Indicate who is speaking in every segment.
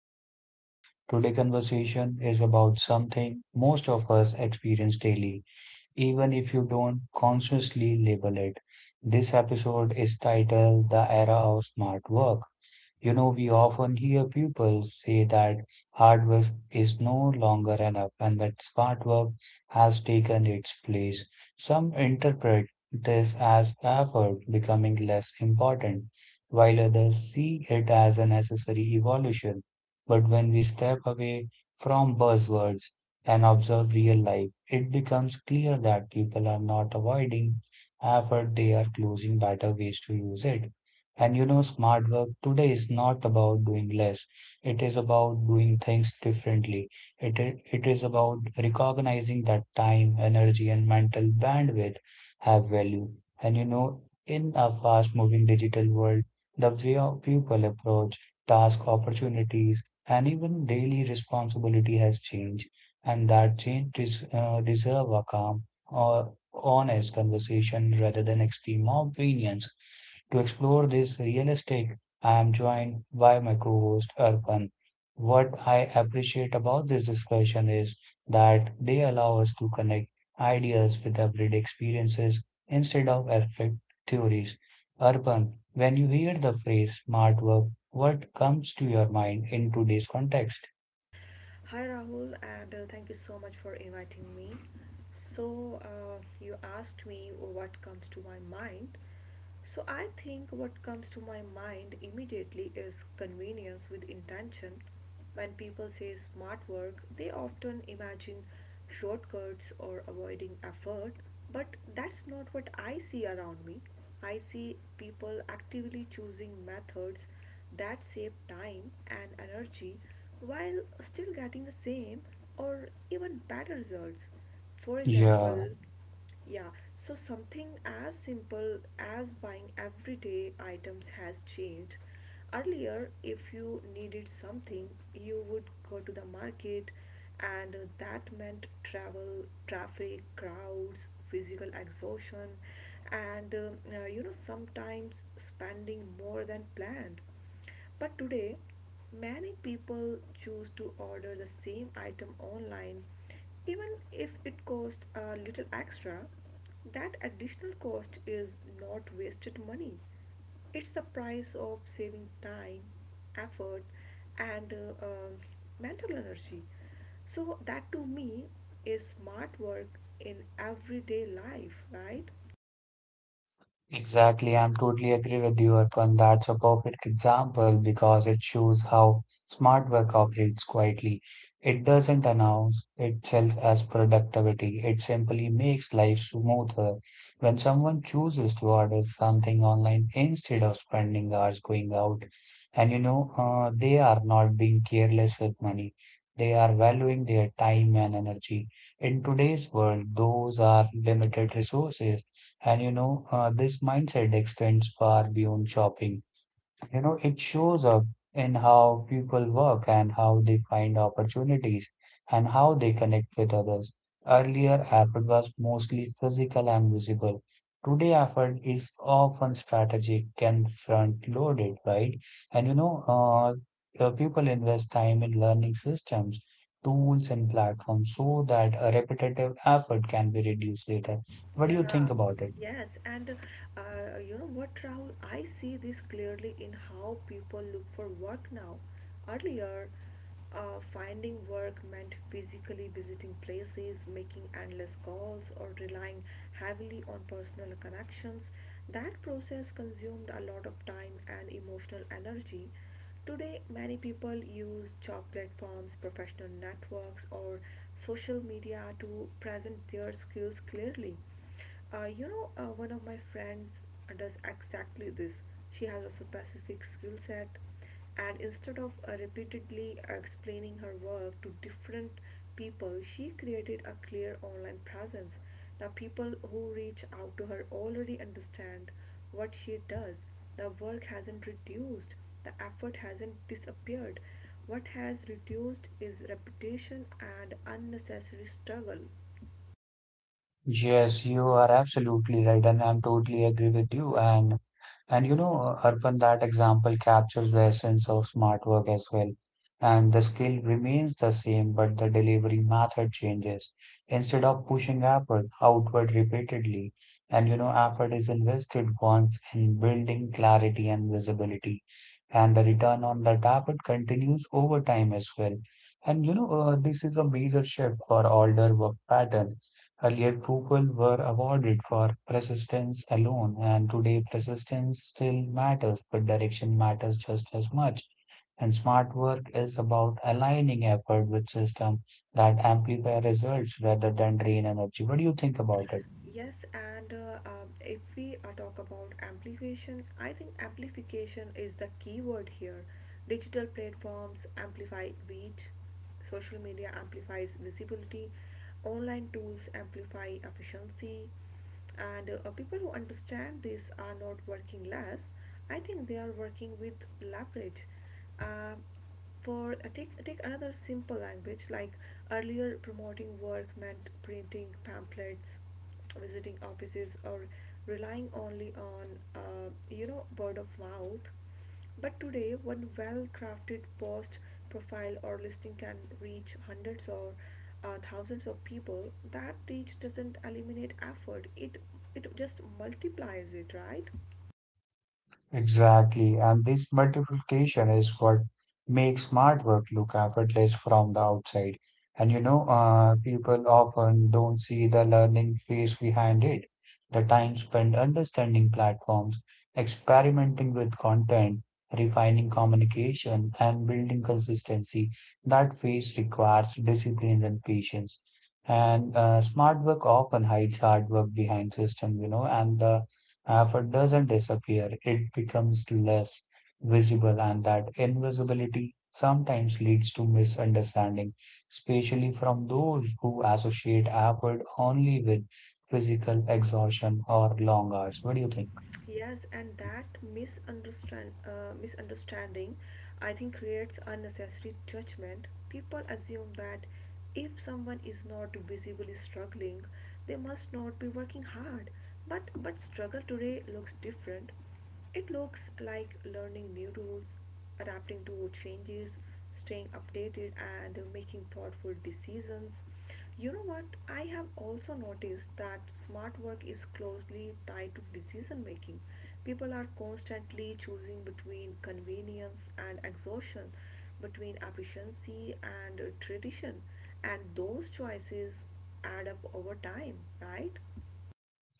Speaker 1: podcast. Today conversation is about something most of us experience daily even if you don't consciously label it. This episode is titled The Era of Smart Work. You know, we often hear people say that hard work is no longer enough and that smart work has taken its place. Some interpret this as effort becoming less important, while others see it as a necessary evolution. But when we step away from buzzwords and observe real life, it becomes clear that people are not avoiding effort, they are closing better ways to use it. And you know, smart work today is not about doing less. It is about doing things differently. It is about recognizing that time, energy, and mental bandwidth have value. And you know, in a fast moving digital world, the way of people approach task opportunities and even daily responsibility has changed and that change deserve a calm or honest conversation rather than extreme opinions. To explore this realistic, I am joined by my co-host Arpan. What I appreciate about this discussion is that they allow us to connect ideas with everyday experiences instead of abstract theories. Arpan, when you hear the phrase smart work, what comes to your mind in today's context?
Speaker 2: Hi Rahul, and thank you so much for inviting me. You asked me what comes to my mind. So, I think what comes to my mind immediately is convenience with intention. When people say smart work, they often imagine shortcuts or avoiding effort, but that's not what I see around me. I see people actively choosing methods that save time and energy while still getting the same or even better results. For example,
Speaker 1: Yeah.
Speaker 2: yeah, so something as simple as buying everyday items has changed. Earlier, if you needed something, you would go to the market, and that meant travel, traffic, crowds, physical exhaustion, and sometimes spending more than planned. But today, many people choose to order the same item online, even if it costs a little extra. That additional cost is not wasted money, it's the price of saving time, effort, and mental energy. So, that to me is smart work in everyday life, right?
Speaker 1: Exactly, I'm totally agree with you, Arpan. That's a perfect example because it shows how smart work operates quietly. It doesn't announce itself as productivity. It simply makes life smoother. When someone chooses to order something online instead of spending hours going out, and you know, they are not being careless with money. They are valuing their time and energy. In today's world, those are limited resources and you know, this mindset extends far beyond shopping. You know, it shows up in how people work and how they find opportunities and how they connect with others. Earlier, effort was mostly physical and visible. Today, effort is often strategic and front loaded, right? And you know, people invest time in learning systems, tools, and platforms so that a repetitive effort can be reduced later. What do you
Speaker 2: Yeah,
Speaker 1: think about it?
Speaker 2: yes, and you know what, Rahul? I see this clearly in how people look for work now. Earlier, finding work meant physically visiting places, making endless calls, or relying heavily on personal connections. That process consumed a lot of time and emotional energy. Today, many people use job platforms, professional networks, or social media to present their skills clearly. One of my friends does exactly this. She has a specific skill set, and instead of repeatedly explaining her work to different people, she created a clear online presence. Now, people who reach out to her already understand what she does. The work hasn't reduced, the effort hasn't disappeared. What has reduced is repetition and unnecessary struggle.
Speaker 1: Yes, you are absolutely right, and I'm totally agree with you. And you know, Arpan, that example captures the essence of smart work as well. And the skill remains the same, but the delivery method changes. Instead of pushing effort outward repeatedly, and you know, effort is invested once in building clarity and visibility, and the return on that effort continues over time as well. And you know, this is a major shift for older work pattern. Earlier, people were awarded for persistence alone, and today persistence still matters, but direction matters just as much. And smart work is about aligning effort with system that amplify results rather than drain energy. What do you think about it?
Speaker 2: Yes, and if we talk about amplification, I think amplification is the key word here. Digital platforms amplify reach, social media amplifies visibility, online tools amplify efficiency, and people who understand this are not working less. I think they are working with leverage. Uh, for uh, take, take another simple language. Like, earlier, promoting work meant printing pamphlets, visiting offices, or relying only on you know, word of mouth. But today, one well crafted post, profile, or listing can reach hundreds or thousands of people. That reach doesn't eliminate effort, it just multiplies it, right?
Speaker 1: Exactly. And this multiplication is what makes smart work look effortless from the outside. And you know, people often don't see the learning phase behind it. The time spent understanding platforms, experimenting with content, refining communication, and building consistency. That phase requires discipline and patience. And smart work often hides hard work behind system, you know, and the effort doesn't disappear, it becomes less visible, and that invisibility sometimes leads to misunderstanding, especially from those who associate effort only with physical exhaustion or long hours. What do you think?
Speaker 2: Yes, and that misunderstanding, I think, creates unnecessary judgment. People assume that if someone is not visibly struggling, they must not be working hard. But struggle today looks different. It looks like learning new rules, adapting to changes, staying updated, and making thoughtful decisions. You know what? I have also noticed that smart work is closely tied to decision making. People are constantly choosing between convenience and exhaustion, between efficiency and tradition, and those choices add up over time, right?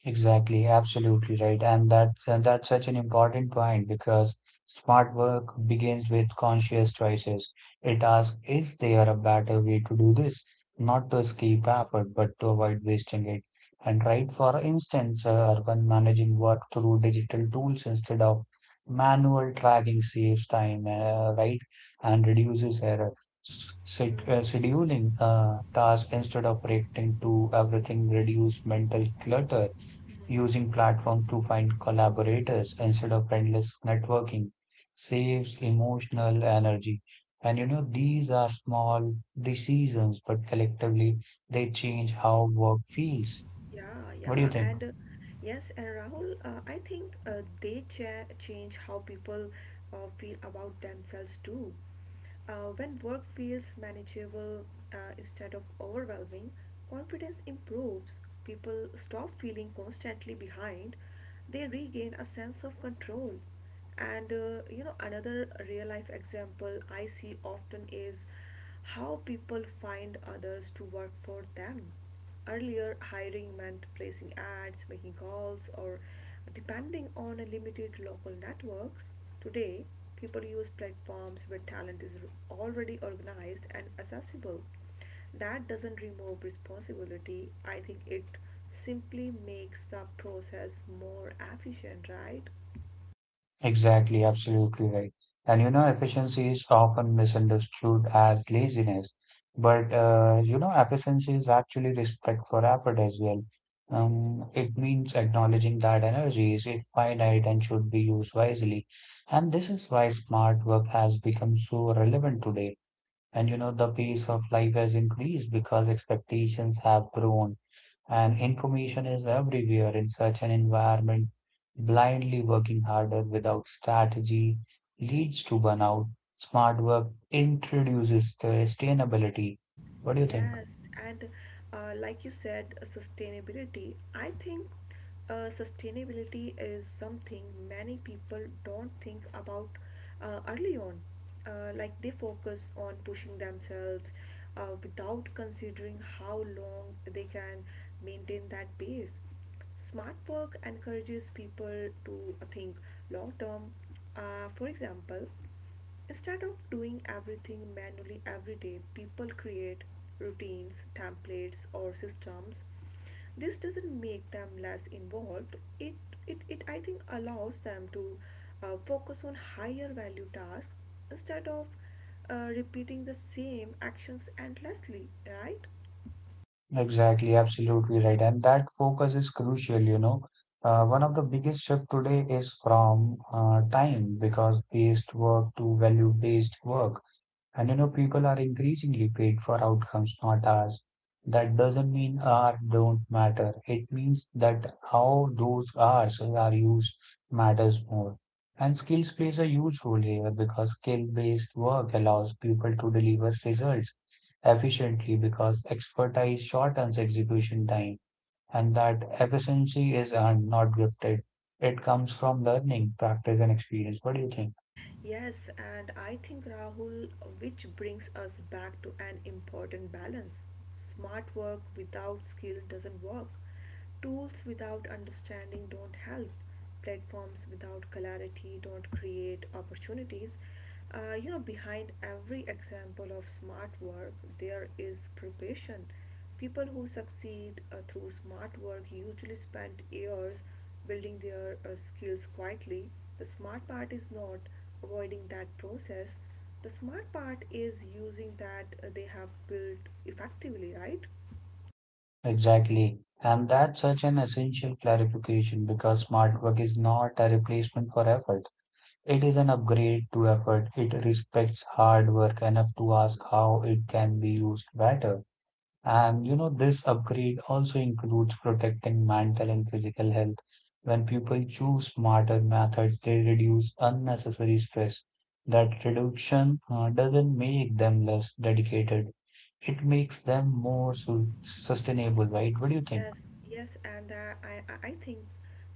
Speaker 1: Exactly, absolutely right. And that's such an important point because smart work begins with conscious choices. It asks, is there a better way to do this? Not to escape effort, but to avoid wasting it. And right, for instance, urban managing work through digital tools instead of manual tracking saves time, right, and reduces error.
Speaker 2: Mhm.
Speaker 1: Scheduling tasks instead of reacting to everything reduce mental clutter. Using platforms to find collaborators instead of endless networking saves emotional energy. And you know, these are small decisions, but collectively they change how work feels.
Speaker 2: Yeah,
Speaker 1: What do you
Speaker 2: yeah,
Speaker 1: think?
Speaker 2: and yes, and Rahul, I think they change how people feel about themselves too. When work feels manageable instead of overwhelming, confidence improves. People stop feeling constantly behind. They regain a sense of control. And you know, another real life example I see often is how people find others to work for them. Earlier, hiring meant placing ads, making calls, or depending on a limited local networks. Today, people use platforms where talent is already organized and accessible. That doesn't remove responsibility. I think it simply makes the process more efficient, right?
Speaker 1: Exactly, absolutely right. And you know, efficiency is often misunderstood as laziness, but you know, efficiency is actually respect for effort as well. It means acknowledging that energy is finite and should be used wisely. And this is why smart work has become so relevant today. And you know, the pace of life has increased because expectations have grown and information is everywhere in such an environment. Blindly working harder without strategy leads to burnout. Smart work introduces sustainability. What do you think?
Speaker 2: Yes, and like you said, sustainability. I think sustainability is something many people don't think about early on. Like they focus on pushing themselves without considering how long they can maintain that pace. Smart work encourages people to think long term. For example, instead of doing everything manually every day, people create routines, templates, or systems. This doesn't make them less involved. It I think allows them to focus on higher value tasks instead of repeating the same actions endlessly, right?
Speaker 1: Exactly, absolutely right. And that focus is crucial, you know. One of the biggest shift today is from time because based work to value based work. And you know, people are increasingly paid for outcomes, not hours. That doesn't mean hours don't matter. It means that how those hours are used matters more. And skills plays a huge role here because skill-based work allows people to deliver results efficiently because expertise shortens execution time and that efficiency is earned, not gifted. It comes from learning, practice, and experience. What do you think?
Speaker 2: Yes, and I think Rahul, which brings us back to an important balance. Smart work without skill doesn't work. Tools without understanding don't help. Platforms without clarity don't create opportunities. You know, behind every example of smart work, there is preparation. People who succeed through smart work usually spend years building their skills quietly. The smart part is not avoiding that process. The smart part is using that they have built effectively, right?
Speaker 1: Exactly. And that's such an essential clarification because smart work is not a replacement for effort. It is an upgrade to effort. It respects hard work enough to ask how it can be used better. And you know, this upgrade also includes protecting mental and physical health. When people choose smarter methods, they reduce unnecessary stress. That reduction doesn't make them less dedicated. It makes them more sustainable, right? What do you think?
Speaker 2: Yes, yes, and I think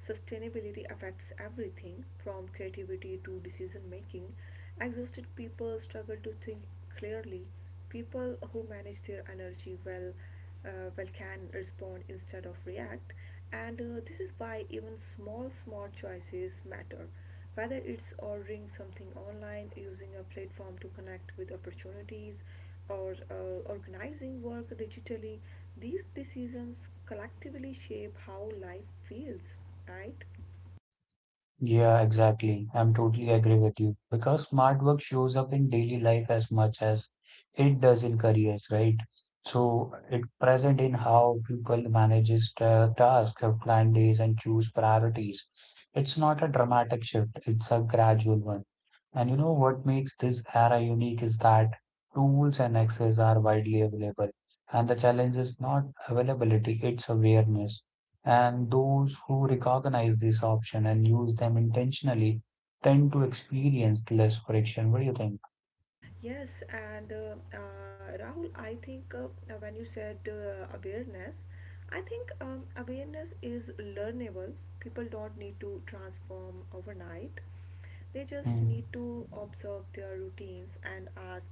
Speaker 2: sustainability affects everything from creativity to decision making. Exhausted people struggle to think clearly. People who manage their energy well can respond instead of react, and this is why even small, small choices matter, whether it's ordering something online, using a platform to connect with opportunities, or organizing work digitally. These decisions collectively shape how life feels, right?
Speaker 1: Yeah, exactly. I'm totally agree with you because smart work shows up in daily life as much as it does in careers, right? So it present in how people manages tasks, plan days, and choose priorities. It's not a dramatic shift; it's a gradual one. And you know what makes this era unique is that tools and access are widely available, and the challenge is not availability; it's awareness. And those who recognize this option and use them intentionally tend to experience less friction. What do you think?
Speaker 2: Yes, and Rahul, I think when you said awareness, I think awareness is learnable. People don't need to transform overnight. They just
Speaker 1: Mm.
Speaker 2: need to observe their routines and ask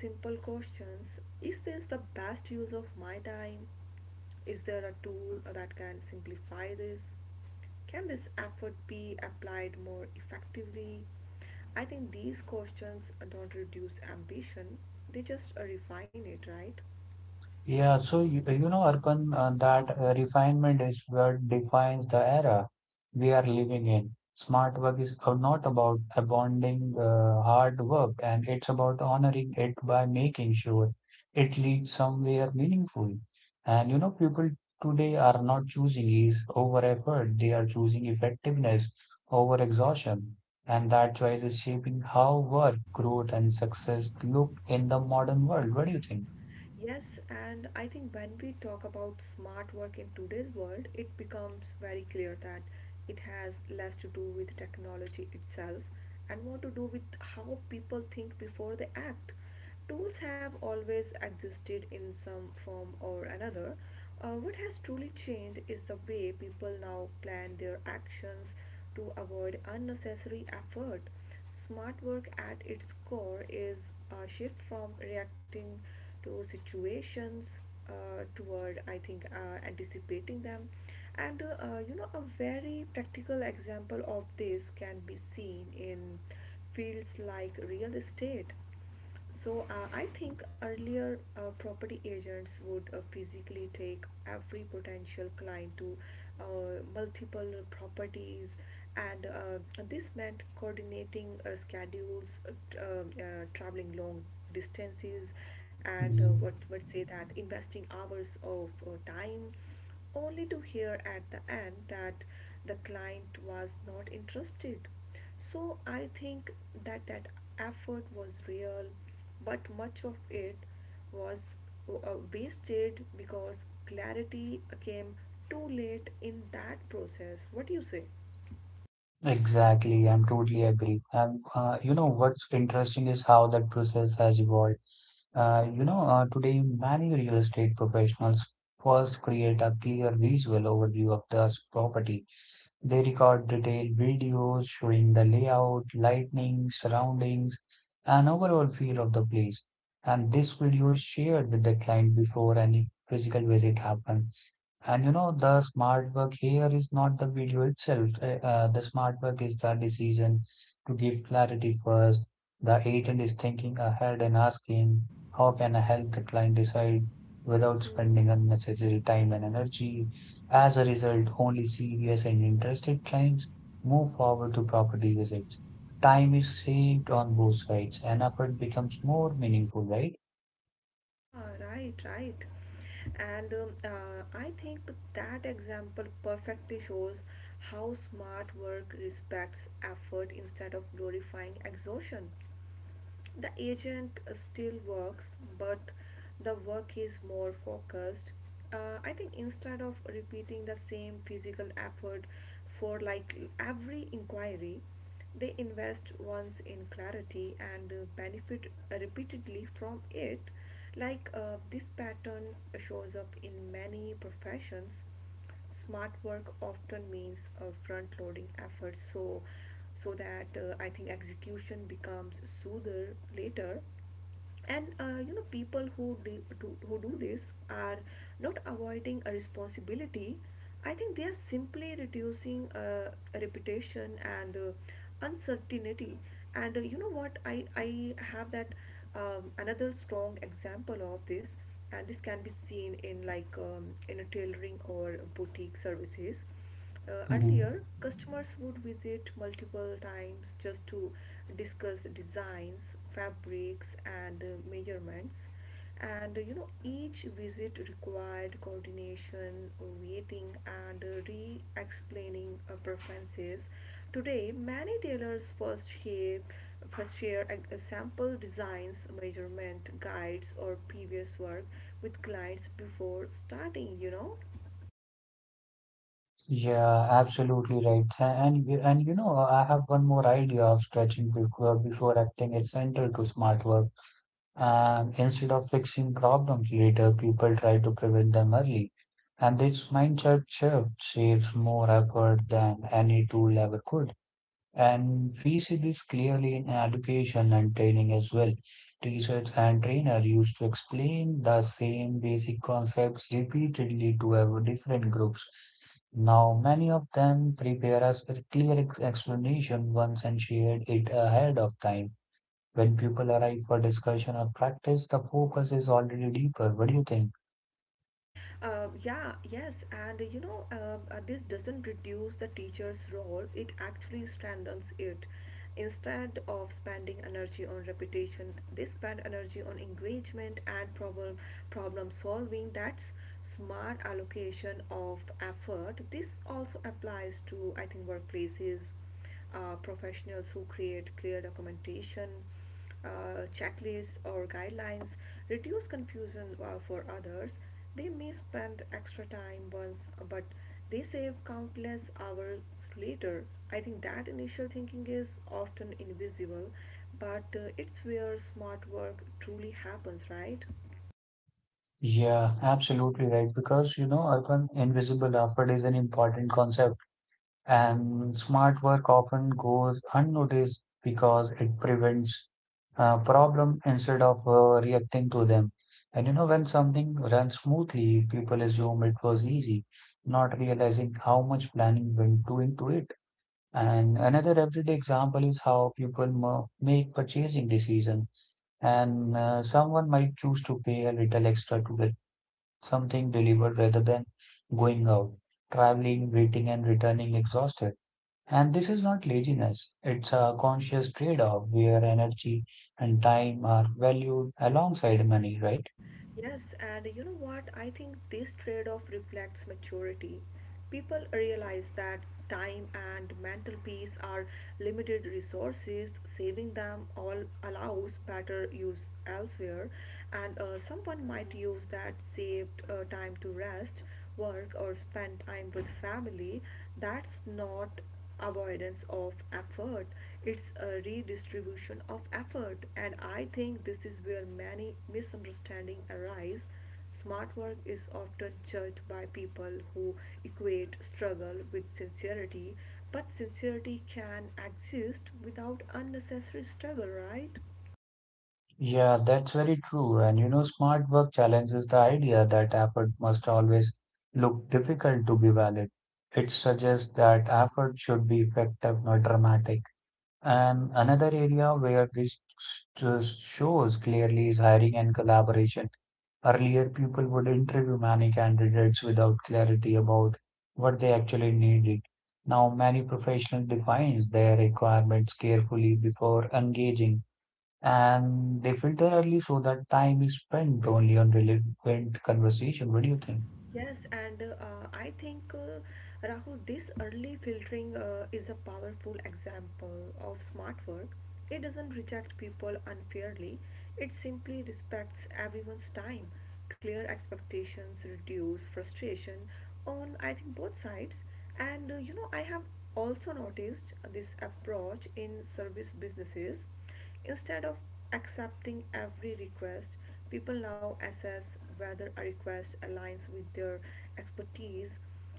Speaker 2: simple questions. Is this the best use of my time? Is there a tool that can simplify this? Can this effort be applied more effectively? I think these questions don't reduce ambition, they just refine it, right?
Speaker 1: Yeah, so you know, Arpan, that refinement is what defines the era we are living in. Smart work is not about abandoning hard work, and it's about honoring it by making sure it leads somewhere meaningful. And you know, people today are not choosing ease over effort, they are choosing effectiveness over exhaustion. And that choice is shaping how work, growth, and success look in the modern world. What do you think?
Speaker 2: Yes, and I think when we talk about smart work in today's world, it becomes very clear that it has less to do with technology itself and more to do with how people think before they act. Tools have always existed in some form or another. What has truly changed is the way people now plan their actions to avoid unnecessary effort. Smart work at its core is a shift from reacting to situations toward, I think, anticipating them. And you know, a very practical example of this can be seen in fields like real estate. So I think earlier property agents would physically take every potential client to uh, multiple properties, and this meant coordinating schedules, traveling long distances, and what would say that investing hours of time only to hear at the end that the client was not interested. So I think that effort was real, but much of it was wasted because clarity came too late in that process. What do you say?
Speaker 1: Exactly, I'm totally agree. And you know what's interesting is how that process has evolved. You know, today many real estate professionals first create a clear visual overview of the property. They record detailed videos showing the layout, lighting, surroundings, and overall feel of the place. And this video is shared with the client before any physical visit happens. And you know, the smart work here is not the video itself. The smart work is the decision to give clarity first. The agent is thinking ahead and asking, how can I help the client decide without spending
Speaker 2: Hmm.
Speaker 1: unnecessary time and energy? As a result, only serious and interested clients move forward to property visits. Time is saved on both sides and effort becomes more meaningful, right?
Speaker 2: Yeah, right, right. And I think that example perfectly shows how smart work respects effort instead of glorifying exhaustion. The agent still works, but the work is more focused. I think instead of repeating the same physical effort for like every inquiry, they invest once in clarity and benefit repeatedly from it. Like, this pattern shows up in many professions. Smart work often means front loading efforts so that I think execution becomes smoother later, and you know, people who do this are not avoiding a responsibility. I think they are simply reducing reputation and uncertainty. And you know what, I have that another strong example of this, and this can be seen in like in a tailoring or boutique services. Uh, earlier, customers would visit multiple times just to discuss designs, fabrics, and measurements. And you know, each visit required coordination, waiting, and re explaining preferences. Today, many tailors first share a, sample designs, measurement guides, or previous work with clients before starting, you know.
Speaker 1: Yeah, absolutely right. And you know, I have one more idea of stretching before acting is central to smart work. And instead of fixing problems later, people try to prevent them early. And this mindset shift saves more effort than any tool ever could. And we see this clearly in education and training as well. Teachers and trainer used to explain the same basic concepts repeatedly to our different groups. Now, many of them prepare us with clear explanation once and shared it ahead of time. When people arrive for discussion or practice, the focus is already deeper. What do you think?
Speaker 2: Yeah, yes, and you know, this doesn't reduce the teacher's role, it actually strengthens it. Instead of spending energy on repetition, they spend energy on engagement and problem solving. That's smart allocation of effort. This also applies to, I think, workplaces, professionals who create clear documentation, checklists or guidelines, reduce confusion for others. They may spend extra time once, but they save countless hours later. I think that initial thinking is often invisible, but it's where smart work truly happens, right?
Speaker 1: Yeah, absolutely right. Because, you know, urban invisible effort is an important concept. And smart work often goes unnoticed because it prevents problem instead of reacting to them. And you know, when something runs smoothly, people assume it was easy, not realizing how much planning went to into it. And another everyday example is how people make purchasing decision. And someone might choose to pay a little extra to get something delivered rather than going out, traveling, waiting, and returning exhausted. And this is not laziness, it's a conscious trade off where energy and time are valued alongside money, right?
Speaker 2: Yes, and you know what? I think this trade off reflects maturity. People realize that time and mental peace are limited resources, saving them all allows better use elsewhere. And someone might use that saved time to rest, work, or spend time with family. That's not avoidance of effort, it's a redistribution of effort. And I think this is where many misunderstandings arise. Smart work is often judged by people who equate struggle with sincerity, but sincerity can exist without unnecessary struggle, right?
Speaker 1: Yeah, that's very true. And you know, smart work challenges the idea that effort must always look difficult to be valid. It suggests that effort should be effective, not dramatic. And another area where this just shows clearly is hiring and collaboration. Earlier, people would interview many candidates without clarity about what they actually needed. Now, many professionals define their requirements carefully before engaging, and they filter early so that time is spent only on relevant conversation. What do you think?
Speaker 2: Yes, and I think Rahul, this early filtering is a powerful example of smart work. It doesn't reject people unfairly, it simply respects everyone's time. Clear expectations reduce frustration on, I think, both sides. And you know, I have also noticed this approach in service businesses. Instead of accepting every request, people now assess whether a request aligns with their expertise.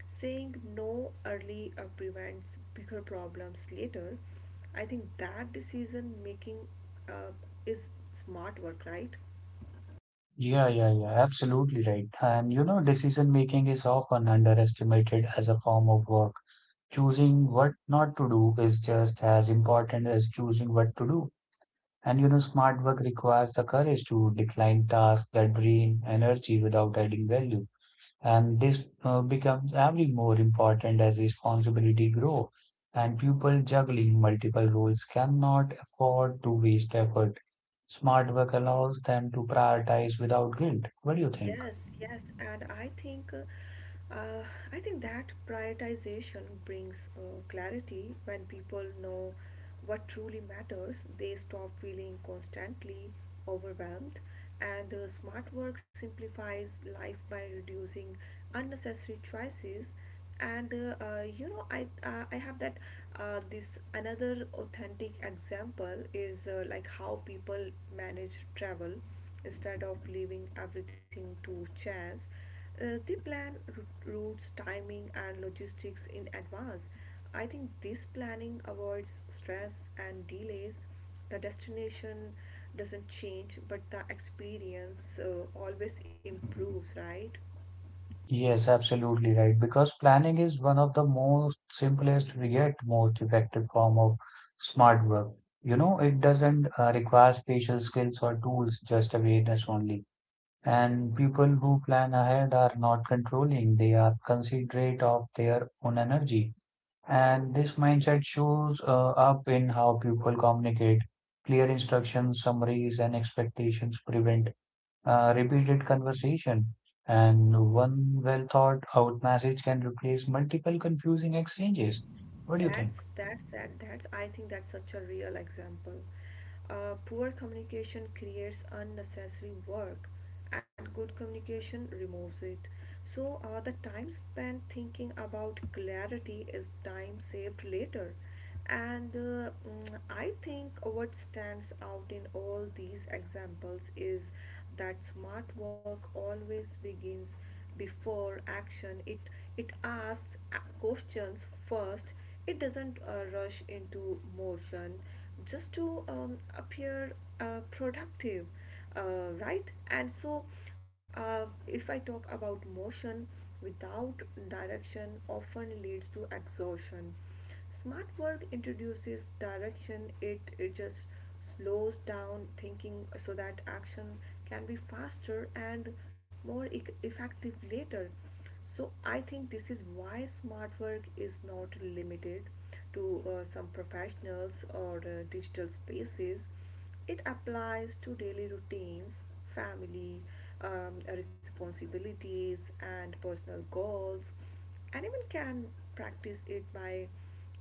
Speaker 2: Saying no early prevents bigger problems later. I think that decision making uh, is smart work, right?
Speaker 1: Yeah, yeah, yeah, absolutely right. And you know, decision making is often underestimated as a form of work. Choosing what not to do is just as important as choosing what to do. And you know, smart work requires the courage to decline tasks that drain energy without adding value. And this becomes every more important as responsibility grow. And people juggling multiple roles cannot afford to waste effort. Smart work allows them to prioritize without guilt. What do you think?
Speaker 2: Yes, and I think that prioritization brings clarity when people know what truly matters. They stop feeling constantly overwhelmed, and smart work simplifies life by reducing unnecessary choices. And I have that this another authentic example is like how people manage travel. Instead of leaving everything to chance, they plan routes, timing and logistics in advance. I think this planning avoids stress and delays. The destination doesn't change, but the experience always improves, right?
Speaker 1: Yes, absolutely right. Because planning is one of the most simplest yet most effective form of smart work. You know, it doesn't require special skills or tools, just awareness only. And people who plan ahead are not controlling, they are considerate of their own energy. And this mindset shows up in how people communicate. Clear instructions, summaries, and expectations prevent repeated conversation, and one well thought out message can replace multiple confusing exchanges. What do you
Speaker 2: That's
Speaker 1: think?
Speaker 2: that's that that's I think that's such a real example. Poor communication creates unnecessary work, and good communication removes it. So the time spent thinking about clarity is time saved later. And I think what stands out in all these examples is that smart work always begins before action. It asks questions first. It doesn't rush into motion just to appear productive, right? And so, if I talk about motion without direction, often leads to exhaustion. Smart work introduces direction. It just slows down thinking so that action can be faster and more effective later. So I think this is why smart work is not limited to some professionals or digital spaces. It applies to daily routines, family, responsibilities, and personal goals. Anyone can practice it by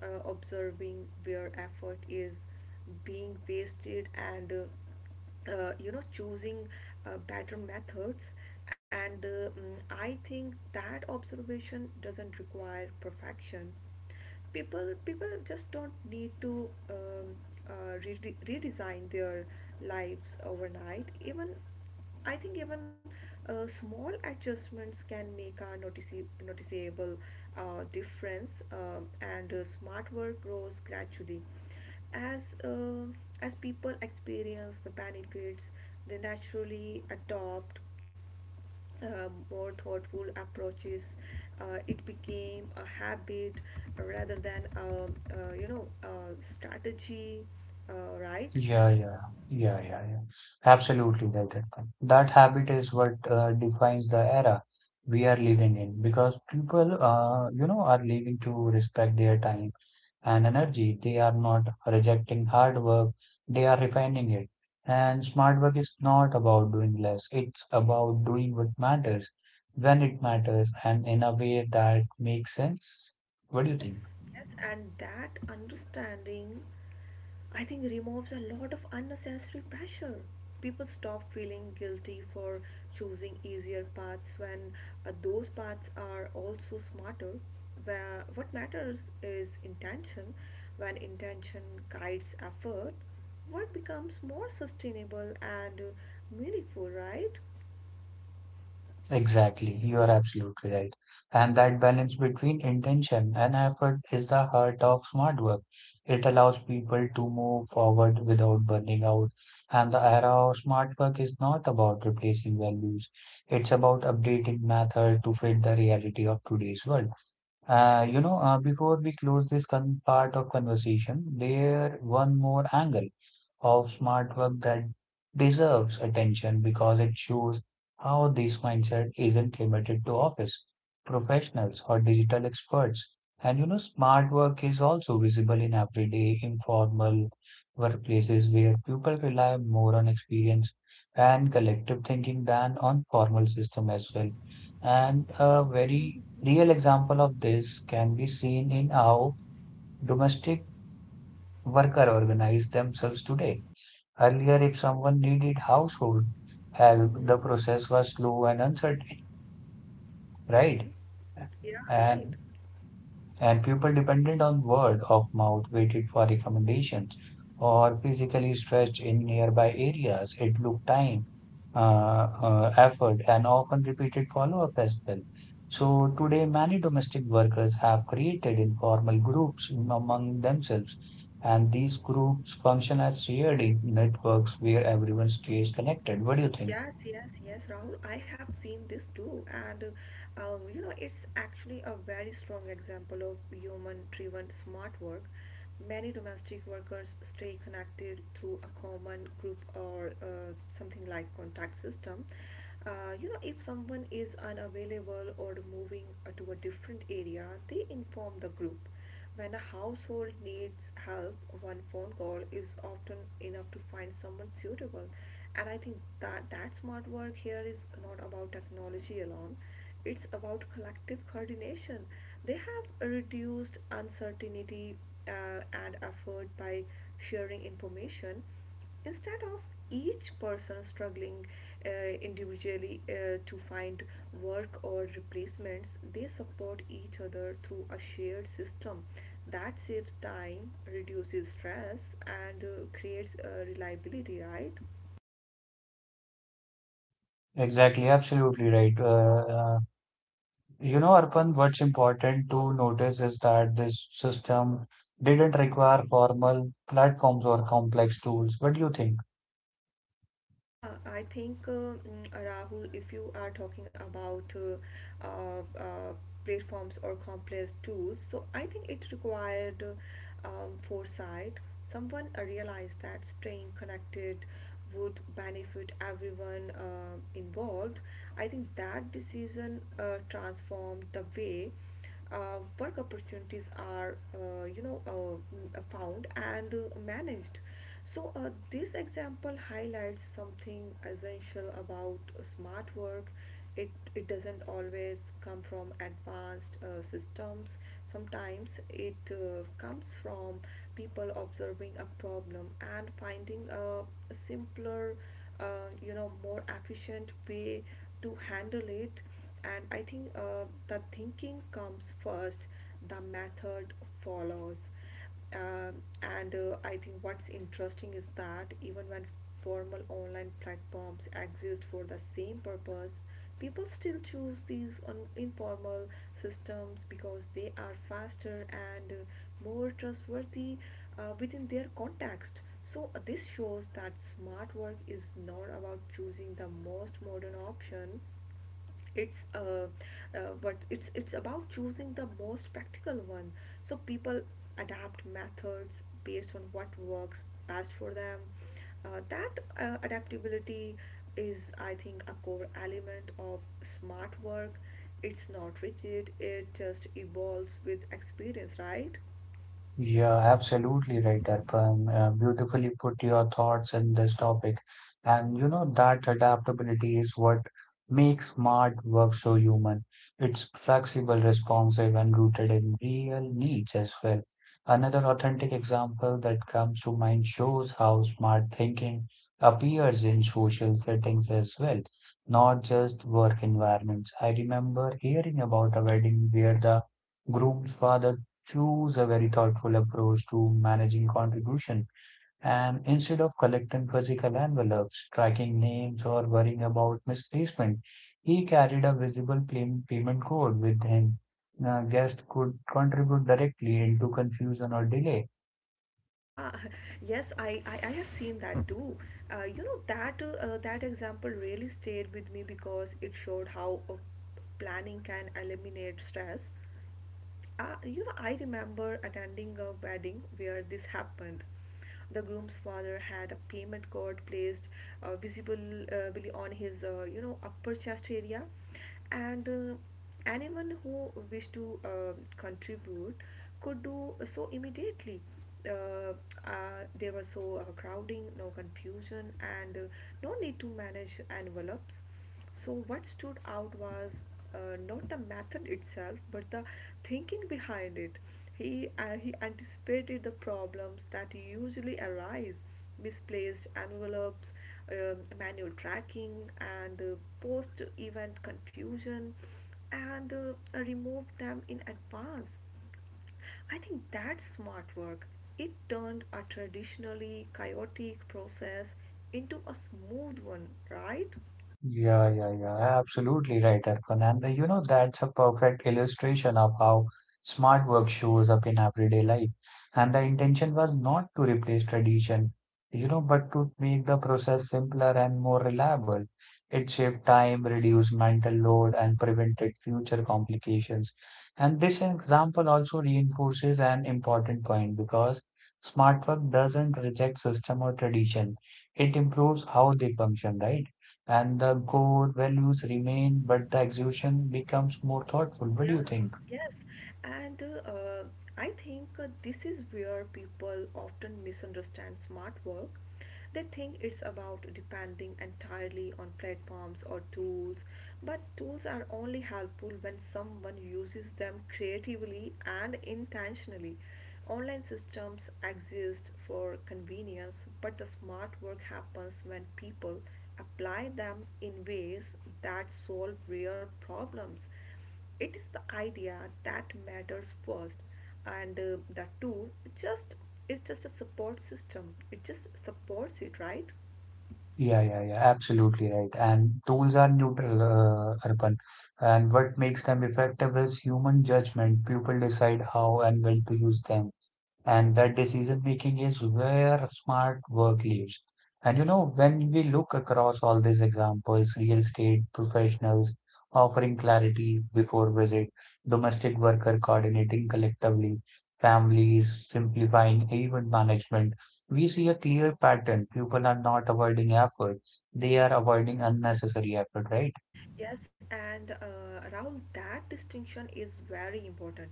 Speaker 2: observing where effort is being wasted and you know, choosing better methods. And I think that observation doesn't require perfection. People just don't need to redesign their lives overnight. Even I think even small adjustments can make a noticeable difference, and smart work grows gradually. As uh, as people experience the benefits, they naturally adopt more thoughtful approaches. It became a habit rather than you know, a strategy, right?
Speaker 1: Yeah, yeah, yeah, yeah, yeah. Absolutely right, Arpan. That habit is what defines the era we are living in because people, you know, are living to respect their time and energy. They are not rejecting hard work, they are refining it. And smart work is not about doing less, it's about doing what matters when it matters and in a way that makes sense. What do you
Speaker 2: Yes,
Speaker 1: think?
Speaker 2: yes, and that understanding, I think, removes a lot of unnecessary pressure. People stop feeling guilty for choosing easier paths when those paths are also smarter. Where what matters is intention. When intention guides effort, work becomes more sustainable and meaningful, right?
Speaker 1: Exactly, you are absolutely right. And that balance between intention and effort is the heart of smart work. It allows people to move forward without burning out. And the era of smart work is not about replacing values, it's about updating method to fit the reality of today's world. You know, before we close this con part of conversation, there one more angle of smart work that deserves attention because it shows how this mindset isn't limited to office professionals or digital experts. And you know, smart work is also visible in everyday informal workplaces where people rely more on experience and collective thinking than on formal system as well. And a very real example of this can be seen in how domestic worker organize themselves today. Earlier, if someone needed household help, the
Speaker 2: Mm-hmm.
Speaker 1: process was slow and uncertain,
Speaker 2: Hmm.
Speaker 1: right?
Speaker 2: Yeah, right.
Speaker 1: And people dependent on word of mouth waited for recommendations or physically stretched in nearby areas. It took time, effort, and often repeated follow-up as well. So
Speaker 2: Hmm.
Speaker 1: today, many domestic workers have created informal groups among themselves, and these groups function as shared networks where everyone stays connected. What do you think?
Speaker 2: Yes, yes, yes, Rahul. I have seen this too, and you know, it's actually a very strong example of human-driven smart work. Many domestic workers stay connected through a common group or something like contact system. You know, if someone is unavailable or moving to a different area, they inform the group. When a household needs help, one phone call is often enough to find someone suitable. And I think that smart work here is not about technology alone. It's about collective coordination. They have reduced uncertainty and effort by sharing information instead of each person struggling uh, individually to find work or replacements. They support each other through a shared system that saves time, reduces stress, and creates reliability, right?
Speaker 1: Exactly, absolutely right. You know, Arpan, what's important to notice is that this system didn't require formal platforms or complex tools. What do you think?
Speaker 2: Yeah, I think Rahul, if you are talking about uh, uh, platforms or complex tools, so I think it required foresight. Someone realized that staying connected would benefit everyone involved. I think that decision transformed the way work opportunities are you know, found and managed. So this example highlights something essential about smart work. It doesn't always come from advanced systems. Sometimes it comes from people observing a problem and finding a simpler you know, more efficient way to handle it. And I think the thinking comes first, the method follows. um, and I think what's interesting is that even when formal online platforms exist for the same purpose, people still choose these informal systems because they are faster and more trustworthy within their context. So this shows that smart work is not about choosing the most modern option. It's uh, uh, but it's it's about choosing the most practical one. So people adapt methods based on what works best for them. That adaptability is, I think, a core element of smart work. It's not rigid, it just evolves with experience, right?
Speaker 1: Yeah, absolutely right, Arpan. Beautifully put your thoughts in this topic. And you know that adaptability is what makes smart work so human. It's flexible, responsive, and rooted in real needs as well. Another authentic example that comes to mind shows how smart thinking appears in social settings as well, not just work environments. I remember hearing about a wedding where the groom's father choose a very thoughtful approach to managing contribution, and instead of collecting physical envelopes, tracking names, or worrying about misplacement, he carried a visible payment code with him. A guest could contribute directly into confusion or delay.
Speaker 2: Yeah, yes, I have seen that too. You know, that example really stayed with me because it showed how planning can eliminate stress. You know, I remember attending a wedding where this happened. The groom's father had a payment card placed visible, really on his, you know, upper chest area, and anyone who wished to contribute could do so immediately. Uh, there was so crowding, no confusion, and no need to manage envelopes. So, what stood out was not the method itself, but the thinking behind it. He anticipated the problems that usually arise: misplaced envelopes, manual tracking, and post event confusion, and removed them in advance. I think that's smart work. It turned a traditionally chaotic process into a smooth one, right?
Speaker 1: Yeah, yeah, yeah. Absolutely right, Erkan. And you know, that's a perfect illustration of how smart work shows up in everyday life. And the intention was not to replace tradition, you know, but to make the process simpler and more reliable. It saved time, reduced mental load, and prevented future complications. And this example also reinforces an important point because smart work doesn't reject system or tradition. It improves how they function, right? And the core values remain, but the execution becomes more thoughtful. What do
Speaker 2: Yeah,
Speaker 1: you think?
Speaker 2: yes. And I think this is where people often misunderstand smart work. They think it's about depending entirely on platforms or tools, but tools are only helpful when someone uses them creatively and intentionally. Online systems exist for convenience, but the smart work happens when people apply them in ways that solve real problems. It is the idea that matters first, and the tool just is just a support system. It just supports it, right?
Speaker 1: Yeah, yeah, yeah, absolutely right. And tools are neutral, Arpan. And what makes them effective is human judgment. People decide how and when to use them. And that decision making is where smart work lives. And you know, when we look across all these examples, real estate professionals offering clarity before visit, domestic worker coordinating collectively, families simplifying event management, we see a clear pattern. People are not avoiding effort, they are avoiding unnecessary effort, right?
Speaker 2: Yes, and Rahul, that distinction is very important.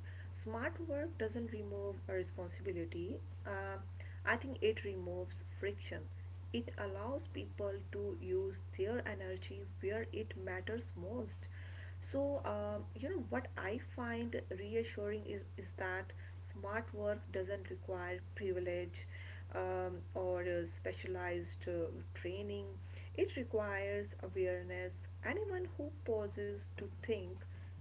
Speaker 2: Smart work doesn't remove a responsibility. Uh, I think it removes friction. It allows people to use their energy where it matters most. So, you know, what I find reassuring is that smart work doesn't require privilege or specialized training. It requires awareness. Anyone who pauses to think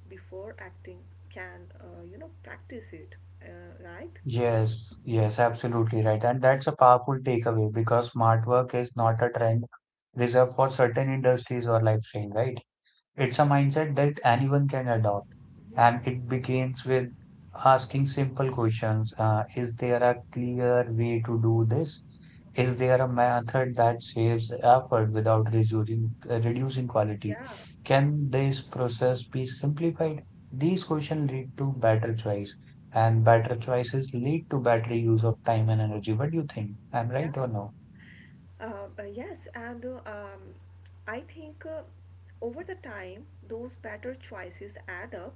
Speaker 2: before acting can, you know, practice it, right?
Speaker 1: Yes, yes, absolutely right. And that's a powerful takeaway because smart work is not a trend reserved for certain industries or lifestyle, right? It's a mindset that anyone can adopt. And it begins with asking simple questions. Is there a clear way to do this? Is there a method that saves effort without reducing quality?
Speaker 2: Yeah.
Speaker 1: Can this process be simplified? These questions lead to better choice, and better
Speaker 2: Mhm.
Speaker 1: choices lead to better use of time and energy. What do you think? I'm
Speaker 2: Yeah.
Speaker 1: right or no?
Speaker 2: Yes, and I think over the time, those better choices add up.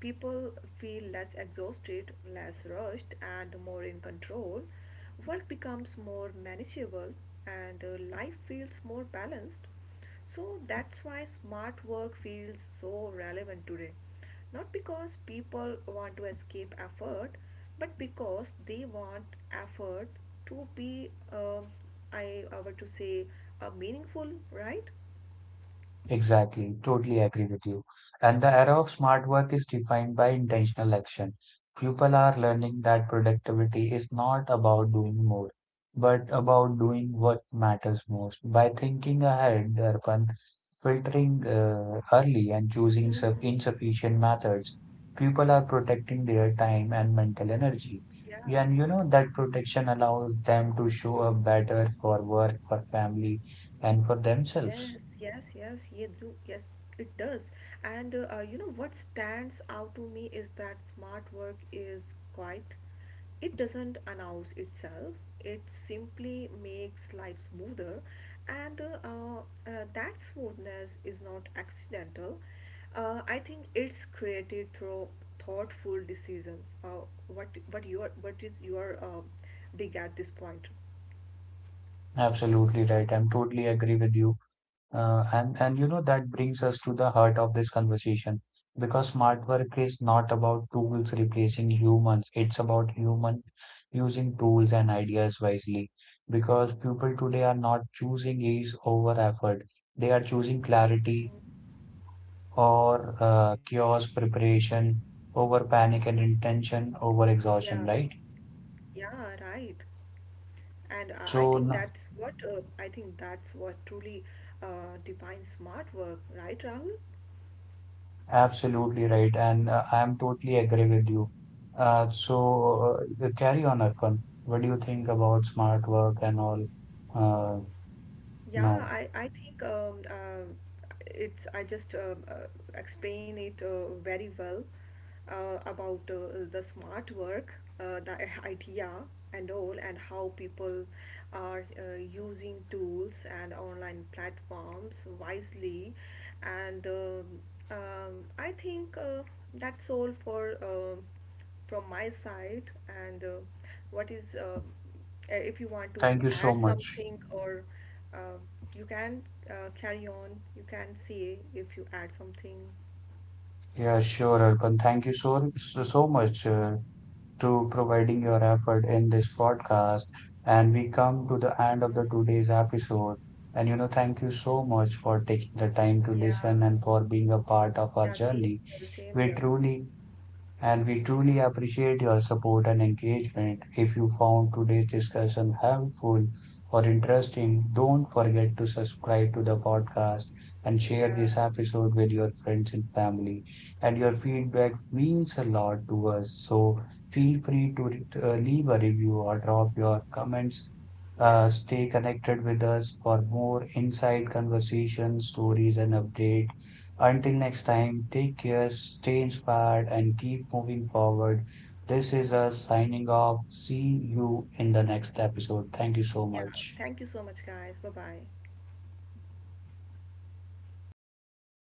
Speaker 2: People feel less exhausted, less rushed, and more in control. Work becomes more manageable, and life feels more balanced. So that's why smart work feels so relevant today. Not because people want to escape effort, but because they want effort to be, I were to say, meaningful, right?
Speaker 1: Exactly, totally agree with you. And the era of smart work is defined by intentional action. People are learning that productivity is not about doing more, but about doing what matters most. By thinking ahead, Arpan, filtering early, and choosing sub
Speaker 2: Hmm.
Speaker 1: insufficient methods, people are protecting their time and mental energy.
Speaker 2: Yeah.
Speaker 1: And you know that protection allows them to show up better for work, for family, and for themselves.
Speaker 2: Yes, yes, yes, ye do. Yes, it does. And you know what stands out to me is that smart work is quiet. It doesn't announce itself. It simply makes life smoother, and that smoothness is not accidental. I think it's created through thoughtful decisions. What is your dig at this point?
Speaker 1: Absolutely right. I'm totally agree with you. And you know that brings us to the heart of this conversation because smart work is not about tools replacing humans. It's about human using tools and ideas wisely because people today are not choosing ease over effort. They are choosing clarity or chaos, preparation over panic, and intention over
Speaker 2: Yeah,
Speaker 1: exhaustion, right?
Speaker 2: yeah, right. And I
Speaker 1: So
Speaker 2: think
Speaker 1: n-
Speaker 2: that's what truly defines smart work, right, Rahul?
Speaker 1: Absolutely right, and I am totally agree with you. So carry on, Arpan. What do you think about smart work and all uh,
Speaker 2: Yeah,
Speaker 1: now?
Speaker 2: I think it's I just explain it very well about the smart work, the idea and all, and how people are using tools and online platforms wisely, and I think that's all for. From my side, and what is if you want to
Speaker 1: Thank you so
Speaker 2: add
Speaker 1: much.
Speaker 2: something, or uh, you can carry on. You can say if you add something.
Speaker 1: Yeah, sure, Arpan. Thank you so, so, so much to providing your effort in this podcast. And we come to the
Speaker 2: Hmm.
Speaker 1: end of the today's episode. And you know, thank you so much for taking the time to
Speaker 2: Yeah.
Speaker 1: listen and for being a part of our
Speaker 2: Yeah, same
Speaker 1: journey.
Speaker 2: here, same
Speaker 1: We
Speaker 2: here.
Speaker 1: truly we truly appreciate your support and engagement. If you found today's discussion helpful or interesting, don't forget to subscribe to the podcast and share
Speaker 2: Yeah.
Speaker 1: this episode with your friends and family. And your feedback means a lot to us, so feel free to leave a review or drop your comments.
Speaker 2: Yeah.
Speaker 1: Stay connected with us for more inside conversations, stories, and updates. Until next time, take care, stay inspired, and keep moving forward. This is
Speaker 2: Yeah.
Speaker 1: us signing off. See you in the next episode. Thank you so
Speaker 2: Yeah,
Speaker 1: much.
Speaker 2: thank you so much, guys. Bye bye.